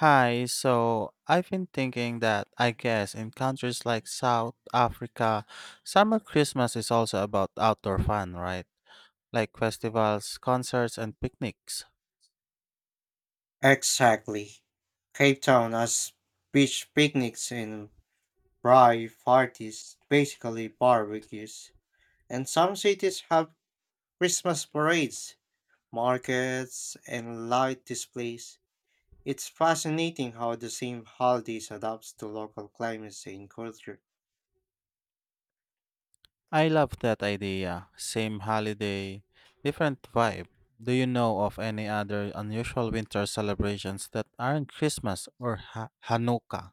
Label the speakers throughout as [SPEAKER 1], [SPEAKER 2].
[SPEAKER 1] Hi, so I've been thinking that I guess in countries like South Africa, summer Christmas is also about outdoor fun, right? Like festivals, concerts, and picnics.
[SPEAKER 2] Exactly. Cape Town has beach picnics and braai parties, basically barbecues. And some cities have Christmas parades, markets, and light displays. It's fascinating how the same holidays adapts to local climates and culture.
[SPEAKER 1] I love that idea. Same holiday, different vibe. Do you know of any other unusual winter celebrations that aren't Christmas or Hanukkah?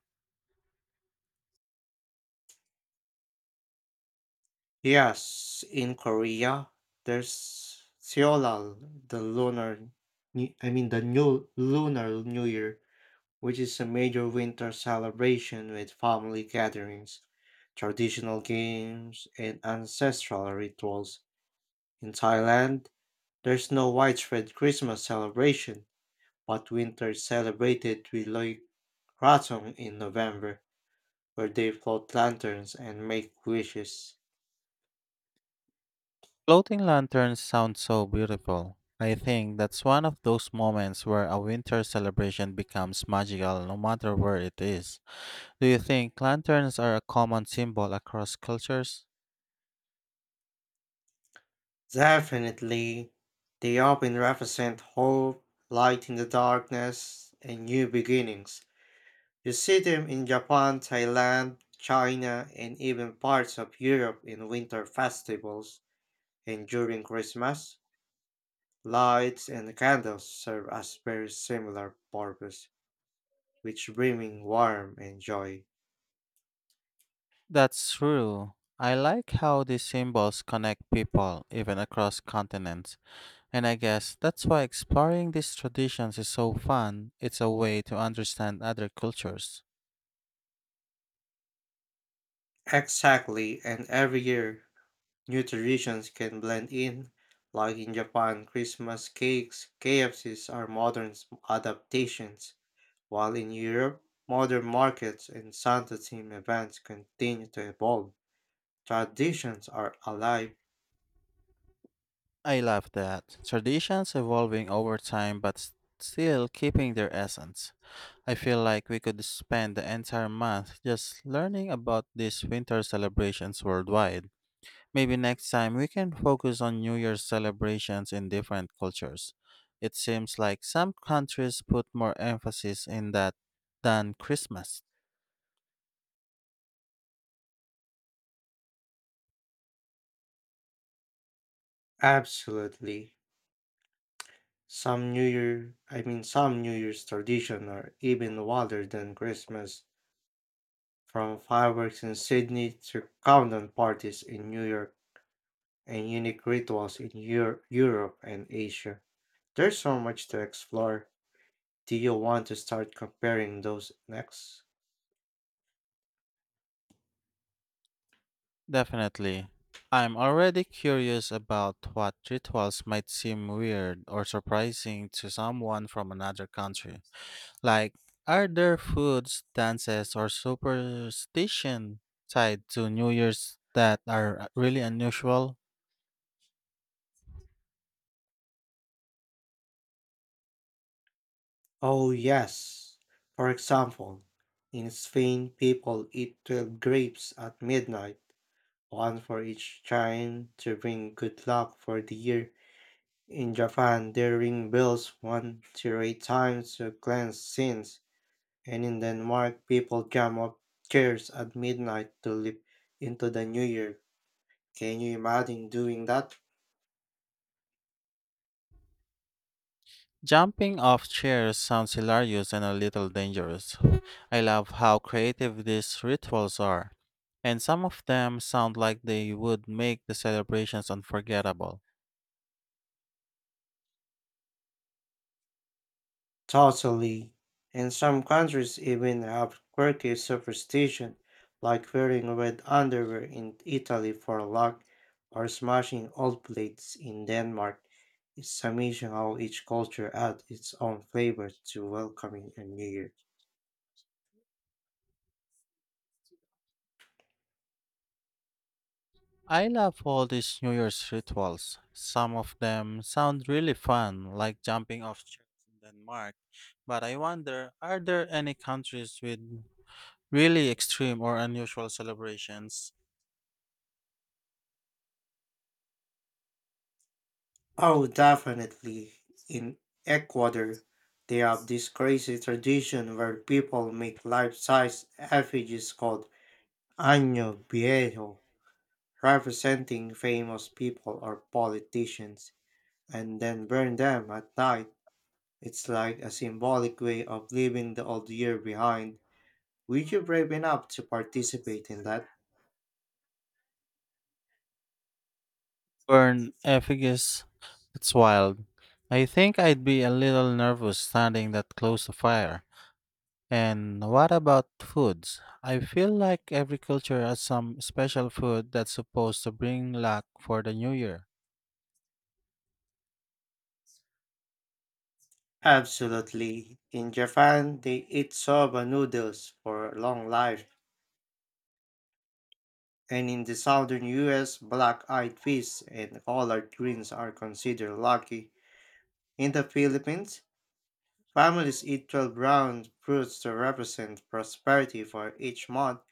[SPEAKER 2] Yes, in Korea, there's Seolal, the lunar, the new lunar New Year which is a major winter celebration with family gatherings, traditional games, and ancestral rituals. In Thailand, there's no widespread Christmas celebration, but winter is celebrated with Loy Krathong in November, where they float lanterns and make wishes.
[SPEAKER 1] Floating lanterns sound so beautiful. I think that's one of those moments where a winter celebration becomes magical no matter where it is. Do you think lanterns are a common symbol across cultures?
[SPEAKER 2] Definitely, they often represent hope, light in the darkness, and new beginnings. You see them in Japan, Thailand, China, and even parts of Europe in winter festivals. And during Christmas, lights and candles serve as very similar purpose, which bringing warmth and joy.
[SPEAKER 1] That's true. I like how these symbols connect people, even across continents. And I guess that's why exploring these traditions is so fun. It's a way to understand other cultures.
[SPEAKER 2] Exactly, and every year, new traditions can blend in. Like in Japan, Christmas cakes, KFCs are modern adaptations, while in Europe, modern markets and Santa theme events continue to evolve. Traditions are alive.
[SPEAKER 1] I love that. Traditions evolving over time but still keeping their essence. I feel like we could spend the entire month just learning about these winter celebrations worldwide. Maybe next time we can focus on New Year's celebrations in different cultures. It seems like some countries put more emphasis in that than Christmas.
[SPEAKER 2] Absolutely. Some New Year's tradition are even wilder than Christmas, from fireworks in Sydney to countdown parties in New York and unique rituals in Europe and Asia. There's so much to explore. Do you want to start comparing those next?
[SPEAKER 1] Definitely. I'm already curious about what rituals might seem weird or surprising to someone from another country. Like, are there foods, dances, or superstition tied to New Year's that are really unusual?
[SPEAKER 2] Oh, yes. For example, in Spain, people eat 12 grapes at midnight one for each chime to bring good luck for the year. In Japan, they ring bells one to eight times to cleanse sins, and in Denmark, people jump up chairs at midnight to leap into the new year. Can you imagine doing that?
[SPEAKER 1] Jumping off chairs sounds hilarious and a little dangerous. I love how creative these rituals are, and some of them sound like they would make the celebrations unforgettable.
[SPEAKER 2] Totally. And some countries even have quirky superstition, like wearing red underwear in Italy for luck or smashing old plates in Denmark. It's amazing how each culture adds its own flavor to welcoming a new year.
[SPEAKER 1] I love all these New Year's rituals. Some of them sound really fun, like jumping off chairs in Denmark. But I wonder, are there any countries with really extreme or unusual celebrations?
[SPEAKER 2] Oh, definitely. In Ecuador, they have this crazy tradition where people make life size effigies called Año Viejo representing famous people or politicians and then burn them at night. It's like a symbolic way of leaving the old year behind. Were you brave enough to participate in that?
[SPEAKER 1] Burn effigies? It's wild. I think I'd be a little nervous standing that close to fire. And what about foods? I feel like every culture has some special food that's supposed to bring luck for the new year.
[SPEAKER 2] Absolutely. In Japan, they eat soba noodles for long life, and in the southern US, black eyed peas and collard greens are considered lucky. In the Philippines, families eat 12 brown fruits to represent prosperity for each month.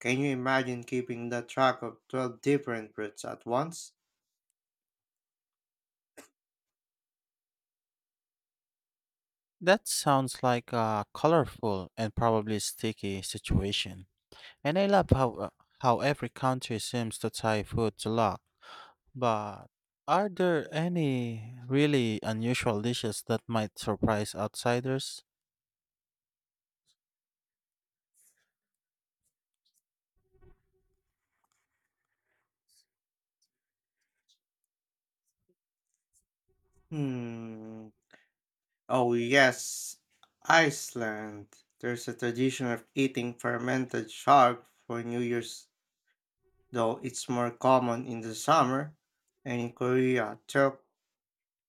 [SPEAKER 2] Can you imagine keeping the track of 12 different routes at once?
[SPEAKER 1] That sounds like a colorful and probably sticky situation. And I love how every country seems to tie food to luck. But are there any really unusual dishes that might surprise outsiders?
[SPEAKER 2] Hmm. Oh, yes. Iceland. There's a tradition of eating fermented shark for New Year's, though it's more common in the summer. And in Korea, Tteok-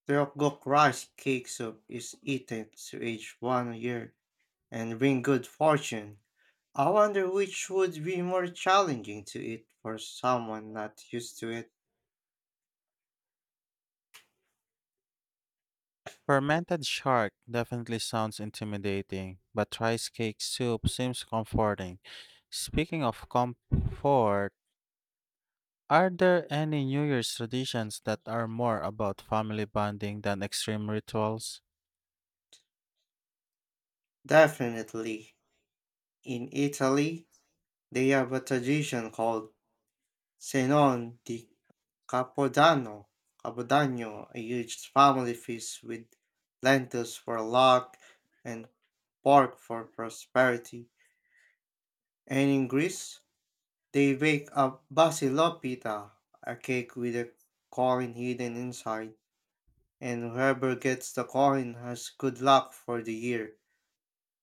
[SPEAKER 2] Tteokguk rice cake soup is eaten to age one year and bring good fortune. I wonder which would be more challenging to eat for someone not used to it.
[SPEAKER 1] Fermented shark definitely sounds intimidating, but rice cake soup seems comforting. Speaking of comfort, are there any New Year's traditions that are more about family bonding than extreme rituals?
[SPEAKER 2] Definitely. In Italy, they have a tradition called Cenon di Capodanno, Capodanno, a huge family feast with lentils for luck and pork for prosperity. And in Greece, they bake a basilopita, a cake with a coin hidden inside, and whoever gets the coin has good luck for the year.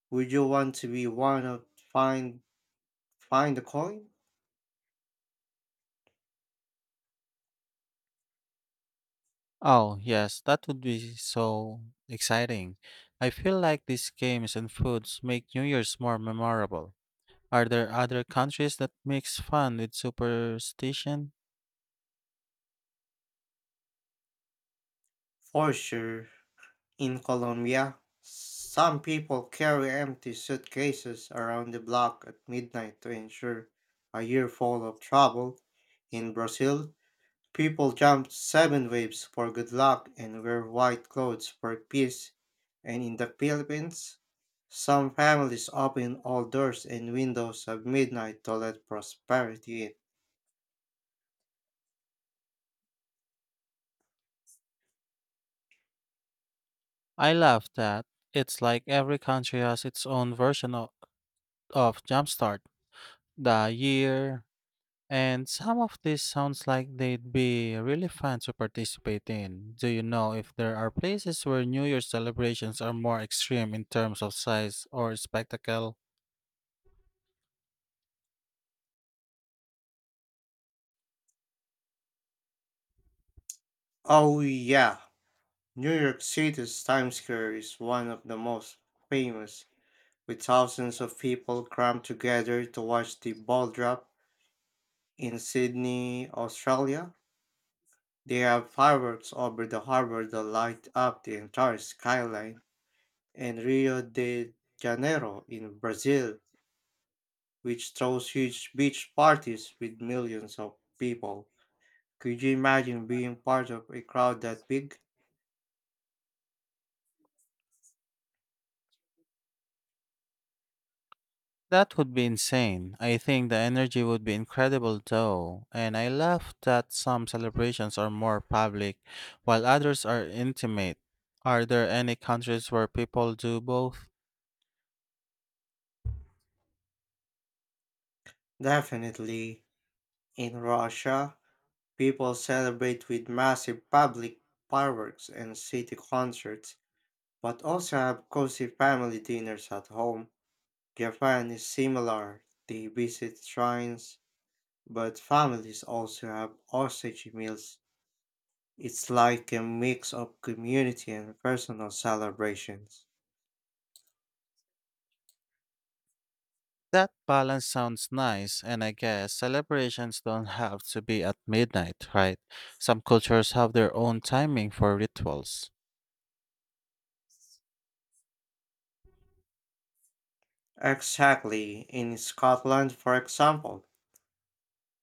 [SPEAKER 2] Would you want to be one of find find the coin?
[SPEAKER 1] Oh, yes, that would be so exciting. I feel like these games and foods make New Year's more memorable. Are there other countries that mix fun with superstition?
[SPEAKER 2] For sure. In Colombia, some people carry empty suitcases around the block at midnight to ensure a year full of trouble. In Brazil, people jump seven waves for good luck and wear white clothes for peace. And in the Philippines, some families open all doors and windows at midnight to let prosperity in.
[SPEAKER 1] I love that. It's like every country has its own version of Jumpstart, the year, and some of these sounds like they'd be really fun to participate in. Do you know if there are places where New Year's celebrations are more extreme in terms of size or spectacle?
[SPEAKER 2] Oh, yeah, New York City's Times Square is one of the most famous with thousands of people crammed together to watch the ball drop in Sydney, Australia. They have fireworks over the harbor that light up the entire skyline, and Rio de Janeiro in Brazil, which throws huge beach parties with millions of people. Could you imagine being part of a crowd that big?
[SPEAKER 1] That would be insane. I think the energy would be incredible though, and I love that some celebrations are more public while others are intimate. Are there any countries where people do both?
[SPEAKER 2] Definitely. In Russia, people celebrate with massive public fireworks and city concerts but also have cozy family dinners at home. Japan is similar. They visit shrines, but families also have osage meals. It's like a mix of community and personal celebrations.
[SPEAKER 1] That balance sounds nice, and I guess celebrations don't have to be at midnight, right? Some cultures have their own timing for rituals.
[SPEAKER 2] Exactly. In Scotland, for example,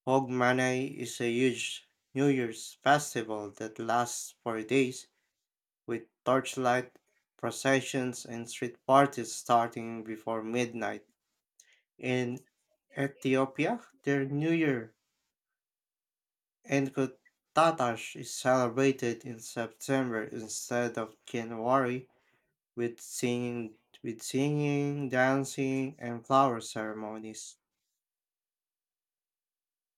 [SPEAKER 2] Hogmanay is a huge New Year's festival that lasts for days with torchlight processions and street parties starting before midnight. In Ethiopia, their New Year, Enkut Tatash, is celebrated in September instead of January with singing, dancing, and flower ceremonies.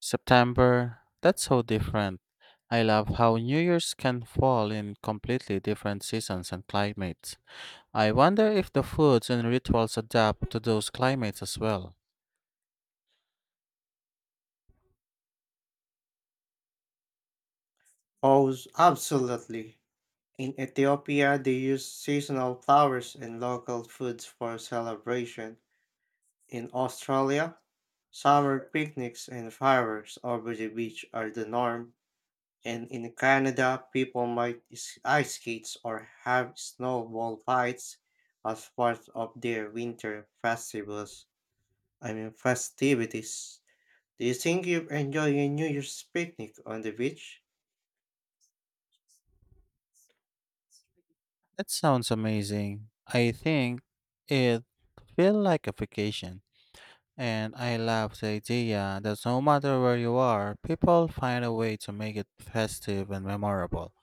[SPEAKER 1] September, that's so different. I love how New Year's can fall in completely different seasons and climates. I wonder if the foods and rituals adapt to those climates as well.
[SPEAKER 2] Oh, absolutely. In Ethiopia, they use seasonal flowers and local foods for celebration. In Australia, summer picnics and fireworks over the beach are the norm. And in Canada, people might ice skates or have snowball fights as part of their winter festivities. Do you think you enjoy a New Year's picnic on the beach?
[SPEAKER 1] That sounds amazing. I think it feel like a vacation. And I love the idea that no matter where you are, people find a way to make it festive and memorable.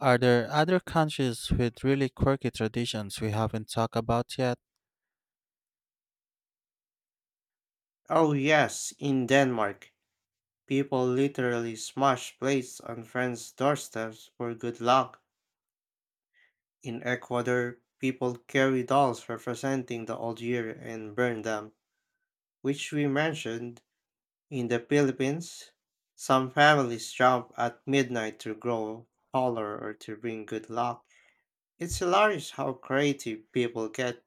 [SPEAKER 1] Are there other countries with really quirky traditions we haven't talked about yet?
[SPEAKER 2] Oh, yes, in Denmark. People literally smash plates on friends' doorsteps for good luck. In Ecuador, people carry dolls representing the old year and burn them, which we mentioned. In the Philippines, some families jump at midnight to grow taller or to bring good luck. It's hilarious how creative people get.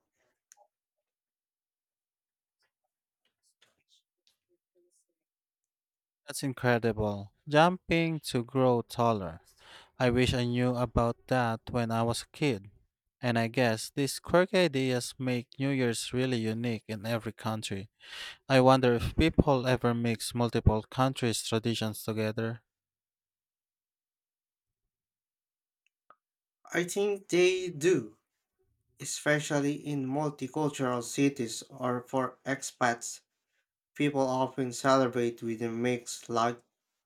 [SPEAKER 1] That's incredible. Jumping to grow taller. I wish I knew about that when I was a kid. And I guess these quirky ideas make New Year's really unique in every country. I wonder if people ever mix multiple countries' traditions together.
[SPEAKER 2] I think they do, especially in multicultural cities or for expats. People often celebrate with a mix like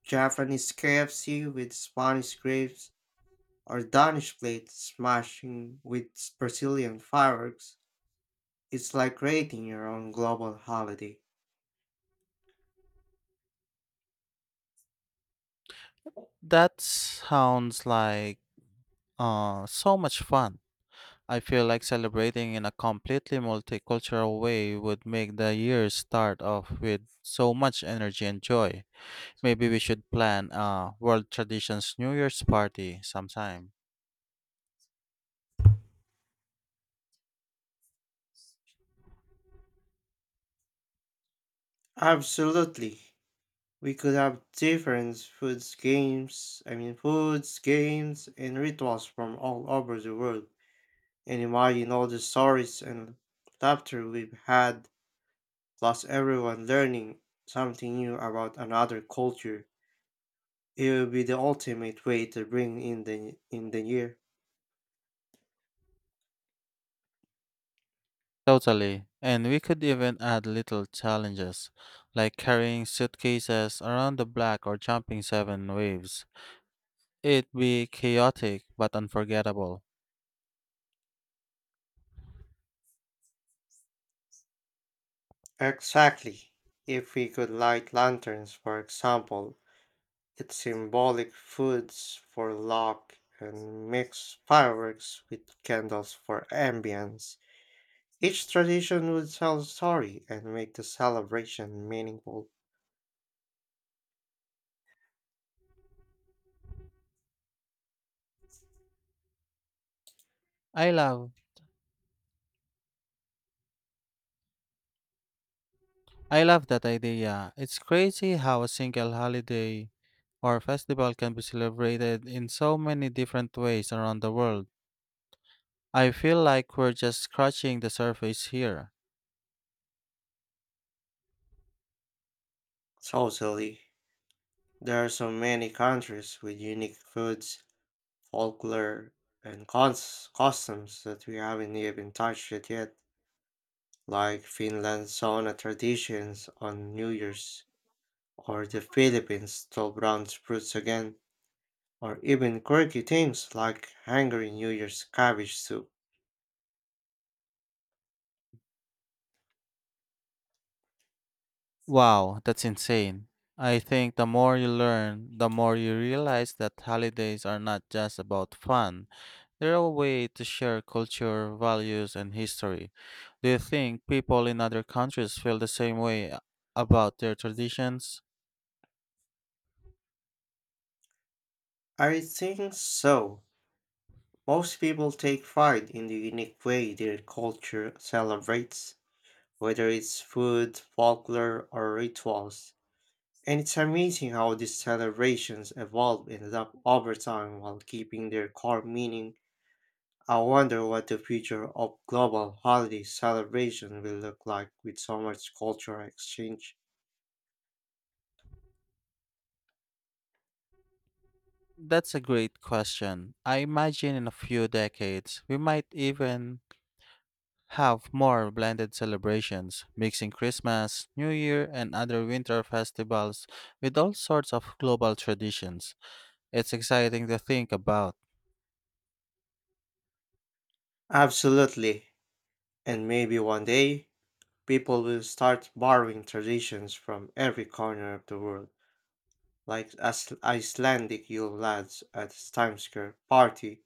[SPEAKER 2] Japanese KFC with Spanish grapes or Danish plate smashing with Brazilian fireworks. It's like creating your own global holiday.
[SPEAKER 1] That sounds like so much fun. I feel like celebrating in a completely multicultural way would make the year start off with so much energy and joy. Maybe we should plan a World Traditions New Year's party sometime.
[SPEAKER 2] Absolutely. We could have different foods, games, and rituals from all over the world. And imagine all the stories and laughter we've had, plus everyone learning something new about another culture. It would be the ultimate way to bring in the year.
[SPEAKER 1] Totally. And we could even add little challenges, like carrying suitcases around the block or jumping seven waves. It'd be chaotic but unforgettable.
[SPEAKER 2] Exactly. If we could light lanterns, for example, its symbolic foods for luck and mixed fireworks with candles for ambience. Each tradition would tell a story and make the celebration meaningful.
[SPEAKER 1] I love I love that idea. It's crazy how a single holiday or festival can be celebrated in so many different ways around the world. I feel like we're just scratching the surface here.
[SPEAKER 2] Totally. There are so many countries with unique foods, folklore, and customs that we haven't even touched it yet, like Finland's sauna traditions on New Year's, or the Philippines' brown fruits again, or even quirky things like Hungry New Year's cabbage soup.
[SPEAKER 1] Wow, that's insane. I think the more you learn, the more you realize that holidays are not just about fun. They're a way to share culture, values, and history. Do you think people in other countries feel the same way about their traditions?
[SPEAKER 2] I think so. Most people take pride in the unique way their culture celebrates, whether it's food, folklore, or rituals. And it's amazing how these celebrations evolve and adapt over time while keeping their core meaning. I wonder what the future of global holiday celebration will look like with so much cultural exchange.
[SPEAKER 1] That's a great question. I imagine in a few decades, we might even have more blended celebrations, mixing Christmas, New Year, and other winter festivals with all sorts of global traditions. It's exciting to think about.
[SPEAKER 2] Absolutely. And maybe one day people will start borrowing traditions from every corner of the world, like Icelandic Yule lads at Times Square party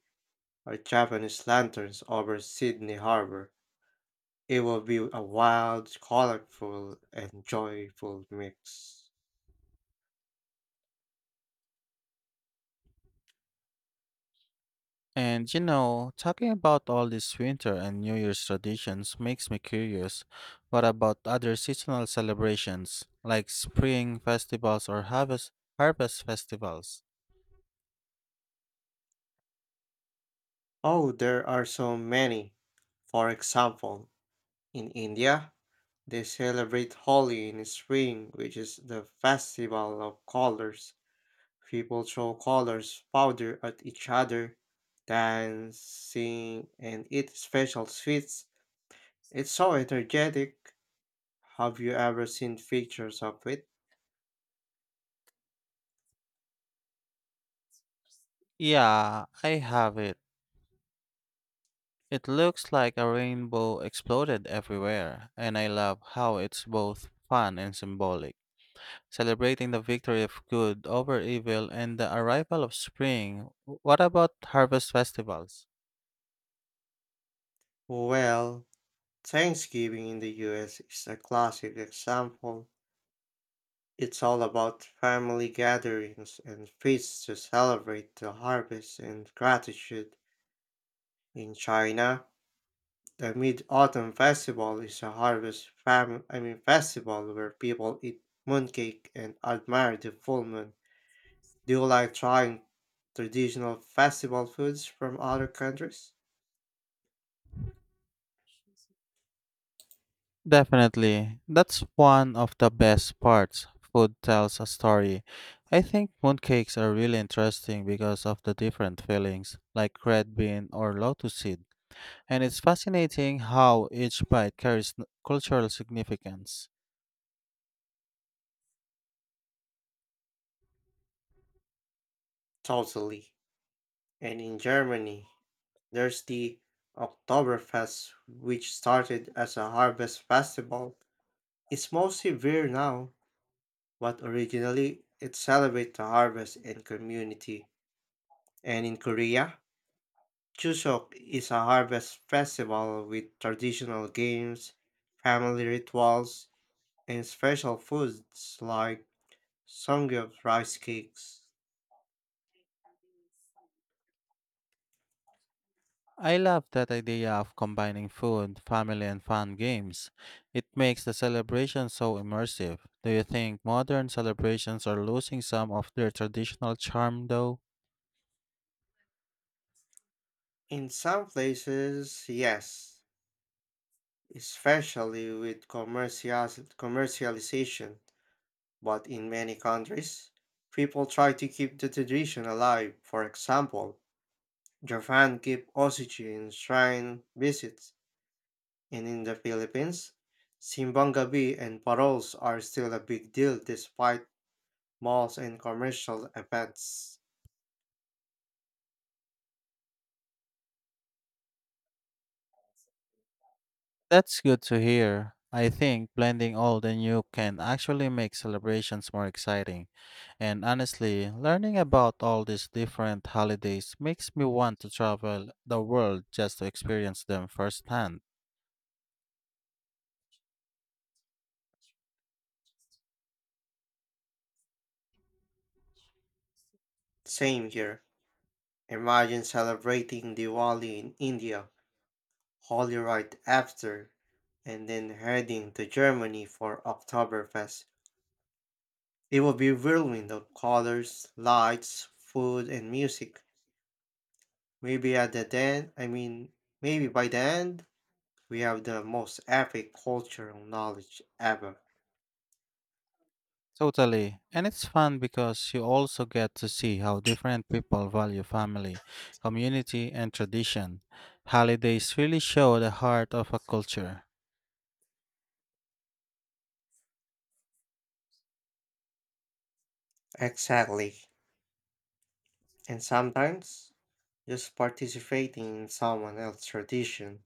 [SPEAKER 2] or Japanese lanterns over Sydney Harbour. It will be a wild, colorful, and joyful mix.
[SPEAKER 1] And you know, talking about all these winter and New Year's traditions makes me curious. What about other seasonal celebrations, like spring festivals or harvest festivals?
[SPEAKER 2] Oh, there are so many. For example, in India, they celebrate Holi in spring, which is the festival of colors. People throw colors powder at each other, dance, sing, and eat special sweets. It's so energetic. Have you ever seen pictures of it?
[SPEAKER 1] Yeah, I have it. It looks like a rainbow exploded everywhere, and I love how it's both fun and symbolic. Celebrating the victory of good over evil and the arrival of spring. What about harvest festivals?
[SPEAKER 2] Well, Thanksgiving in the US is a classic example. It's all about family gatherings and feasts to celebrate the harvest and gratitude. In China, the Mid Autumn Festival is a harvest fam I mean festival where people eat mooncake and admire the full moon. Do you like trying traditional festival foods from other countries?
[SPEAKER 1] Definitely. That's one of the best parts. Food tells a story. I think mooncakes are really interesting because of the different fillings, like red bean or lotus seed. And it's fascinating how each bite carries cultural significance.
[SPEAKER 2] Totally. And in Germany, there's the Oktoberfest, which started as a harvest festival. It's mostly beer now, but originally it celebrated the harvest and community. And in Korea, Chuseok is a harvest festival with traditional games, family rituals, and special foods like samgyeop rice cakes.
[SPEAKER 1] I love that idea of combining food, family, and fun games. It makes the celebration so immersive. Do you think modern celebrations are losing some of their traditional charm, though?
[SPEAKER 2] In some places, yes, especially with commercialization, but in many countries, people try to keep the tradition alive. For example, Japan keep Osuchi shrine visits. And in the Philippines, Simbang Gabi and paroles are still a big deal despite malls and commercial events.
[SPEAKER 1] That's good to hear. I think blending old and new can actually make celebrations more exciting. And honestly, learning about all these different holidays makes me want to travel the world just to experience them firsthand.
[SPEAKER 2] Same here. Imagine celebrating Diwali in India, Holy right after, and then heading to Germany for Oktoberfest. It will be whirlwind of colors, lights, food, and music. Maybe at the end, I mean, maybe by the end, we have the most epic cultural knowledge ever.
[SPEAKER 1] Totally. And it's fun because you also get to see how different people value family, community, and tradition. Holidays really show the heart of a culture.
[SPEAKER 2] Exactly. And sometimes just participating in someone else's tradition,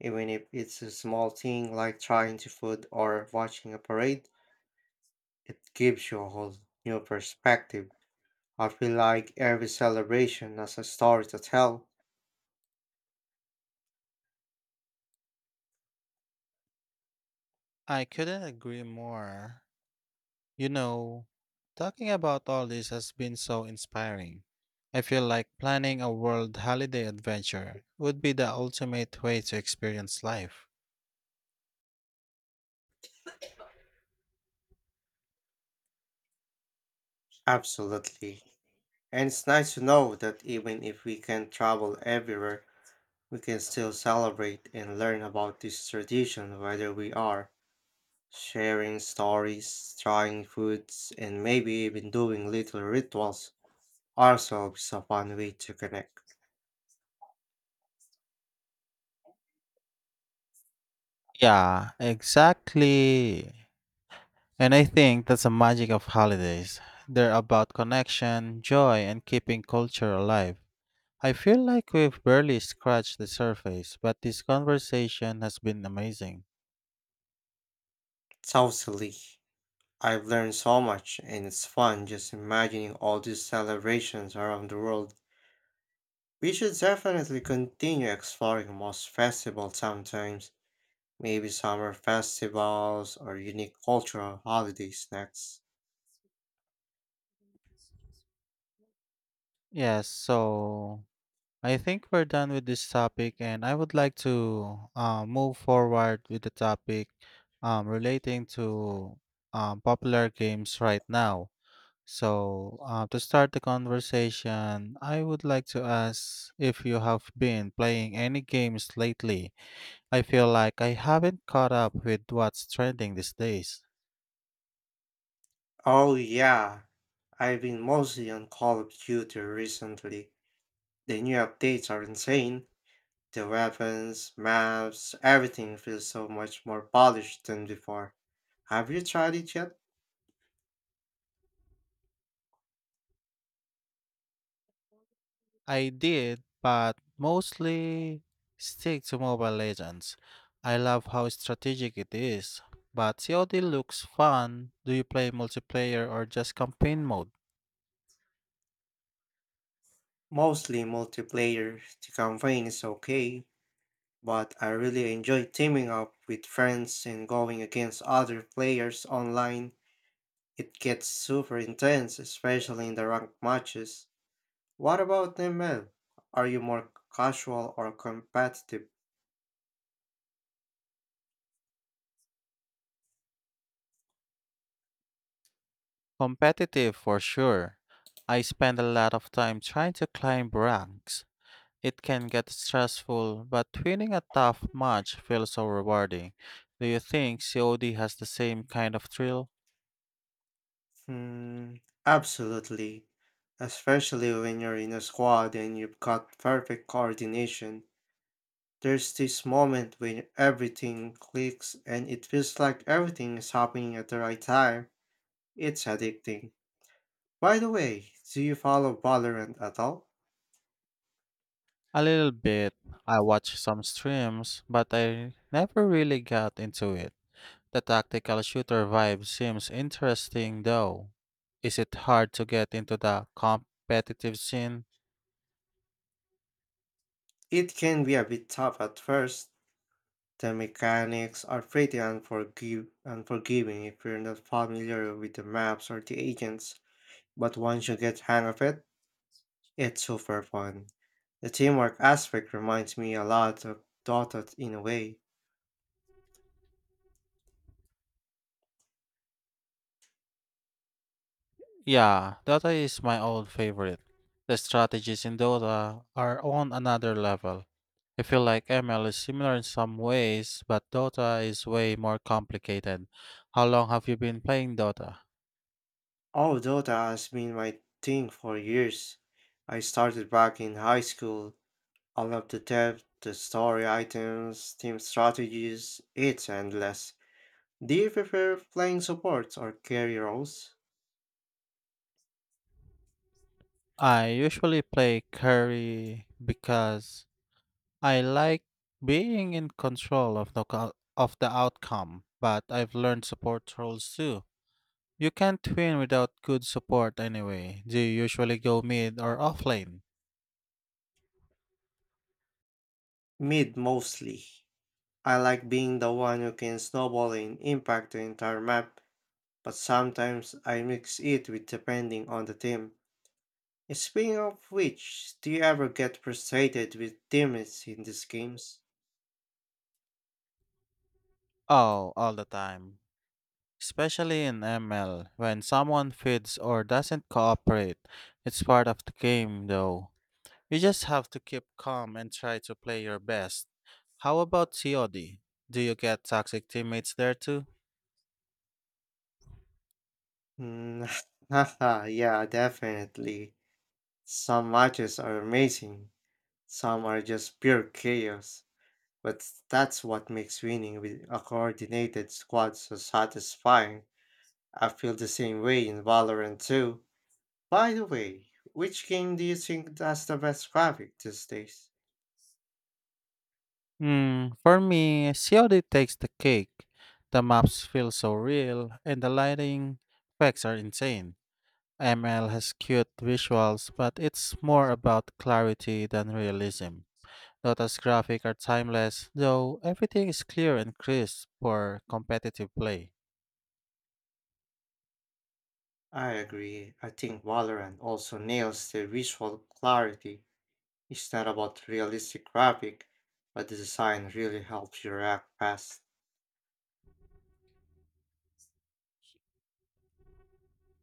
[SPEAKER 2] even if it's a small thing like trying to food or watching a parade, it gives you a whole new perspective. I feel like every celebration has a story to tell.
[SPEAKER 1] I couldn't agree more. You know, talking about all this has been so inspiring. I feel like planning a world holiday adventure would be the ultimate way to experience life.
[SPEAKER 2] Absolutely. And it's nice to know that even if we can't travel everywhere, we can still celebrate and learn about this tradition whether we are. Sharing stories, trying foods, and maybe even doing little rituals ourselves is a fun way to connect.
[SPEAKER 1] Yeah, exactly. And I think that's the magic of holidays. They're about connection, joy, and keeping culture alive. I feel like we've barely scratched the surface, but this conversation has been amazing.
[SPEAKER 2] Totally. I've learned so much, and it's fun just imagining all these celebrations around the world. We should definitely continue exploring most festivals sometimes, maybe summer festivals or unique cultural holiday snacks.
[SPEAKER 1] Yes, so I think we're done with this topic, and I would like to move forward with the topic relating to popular games right now. So, to start the conversation, I would like to ask if you have been playing any games lately. I feel like I haven't caught up with what's trending these days.
[SPEAKER 2] Oh, yeah, I've been mostly on Call of Duty recently. The new updates are insane. The weapons, maps, everything feels so much more polished than before. Have you tried it yet?
[SPEAKER 1] I did, but mostly stick to Mobile Legends. I love how strategic it is, but COD looks fun. Do you play multiplayer or just campaign mode?
[SPEAKER 2] Mostly multiplayer. The campaign is okay, but I really enjoy teaming up with friends and going against other players online. It gets super intense, especially in the ranked matches. What about ML? Are you more casual or competitive?
[SPEAKER 1] Competitive for sure. I spend a lot of time trying to climb ranks. It can get stressful, but winning a tough match feels so rewarding. Do you think COD has the same kind of thrill?
[SPEAKER 2] Hmm, absolutely. Especially when you're in a squad and you've got perfect coordination. There's this moment when everything clicks and it feels like everything is happening at the right time. It's addicting. By the way, do you follow Valorant at all?
[SPEAKER 1] A little bit. I watched some streams, but I never really got into it. The tactical shooter vibe seems interesting though. Is it hard to get into the competitive scene?
[SPEAKER 2] It can be a bit tough at first. The mechanics are pretty unforgive unforgiving if you're not familiar with the maps or the agents, but once you get hang of it, it's super fun. The teamwork aspect reminds me a lot of Dota in a way.
[SPEAKER 1] Yeah, Dota is my old favorite. The strategies in Dota are on another level. I feel like ML is similar in some ways, but Dota is way more complicated. How long have you been playing Dota?
[SPEAKER 2] Oh, Dota has been my thing for years. I started back in high school. I love the depth, the story items, team strategies, it's endless. Do you prefer playing supports or carry roles?
[SPEAKER 1] I usually play Curry because I like being in control of the of the outcome, but I've learned support roles too. You can't win without good support anyway. Do you usually go mid or off lane?
[SPEAKER 2] Mid mostly. I like being the one who can snowball and impact the entire map, but sometimes I mix it with depending on the team. Speaking of which, do you ever get frustrated with teammates in these games?
[SPEAKER 1] Oh, all the time. Especially in ML, when someone feeds or doesn't cooperate. It's part of the game though. You just have to keep calm and try to play your best. How about COD? Do you get toxic teammates there too?
[SPEAKER 2] Mm, Haha, yeah, definitely. Some matches are amazing, some are just pure chaos, but that's what makes winning with a coordinated squad so satisfying. I feel the same way in Valorant too. By the way, which game do you think has the best graphic these days?
[SPEAKER 1] Hmm, for me, COD takes the cake. The maps feel so real, and the lighting effects are insane. ML has cute visuals, but it's more about clarity than realism. Dota's graphics are timeless, though everything is clear and crisp for competitive play.
[SPEAKER 2] I agree. I think Valorant also nails the visual clarity. It's not about realistic graphic, but the design really helps you react fast.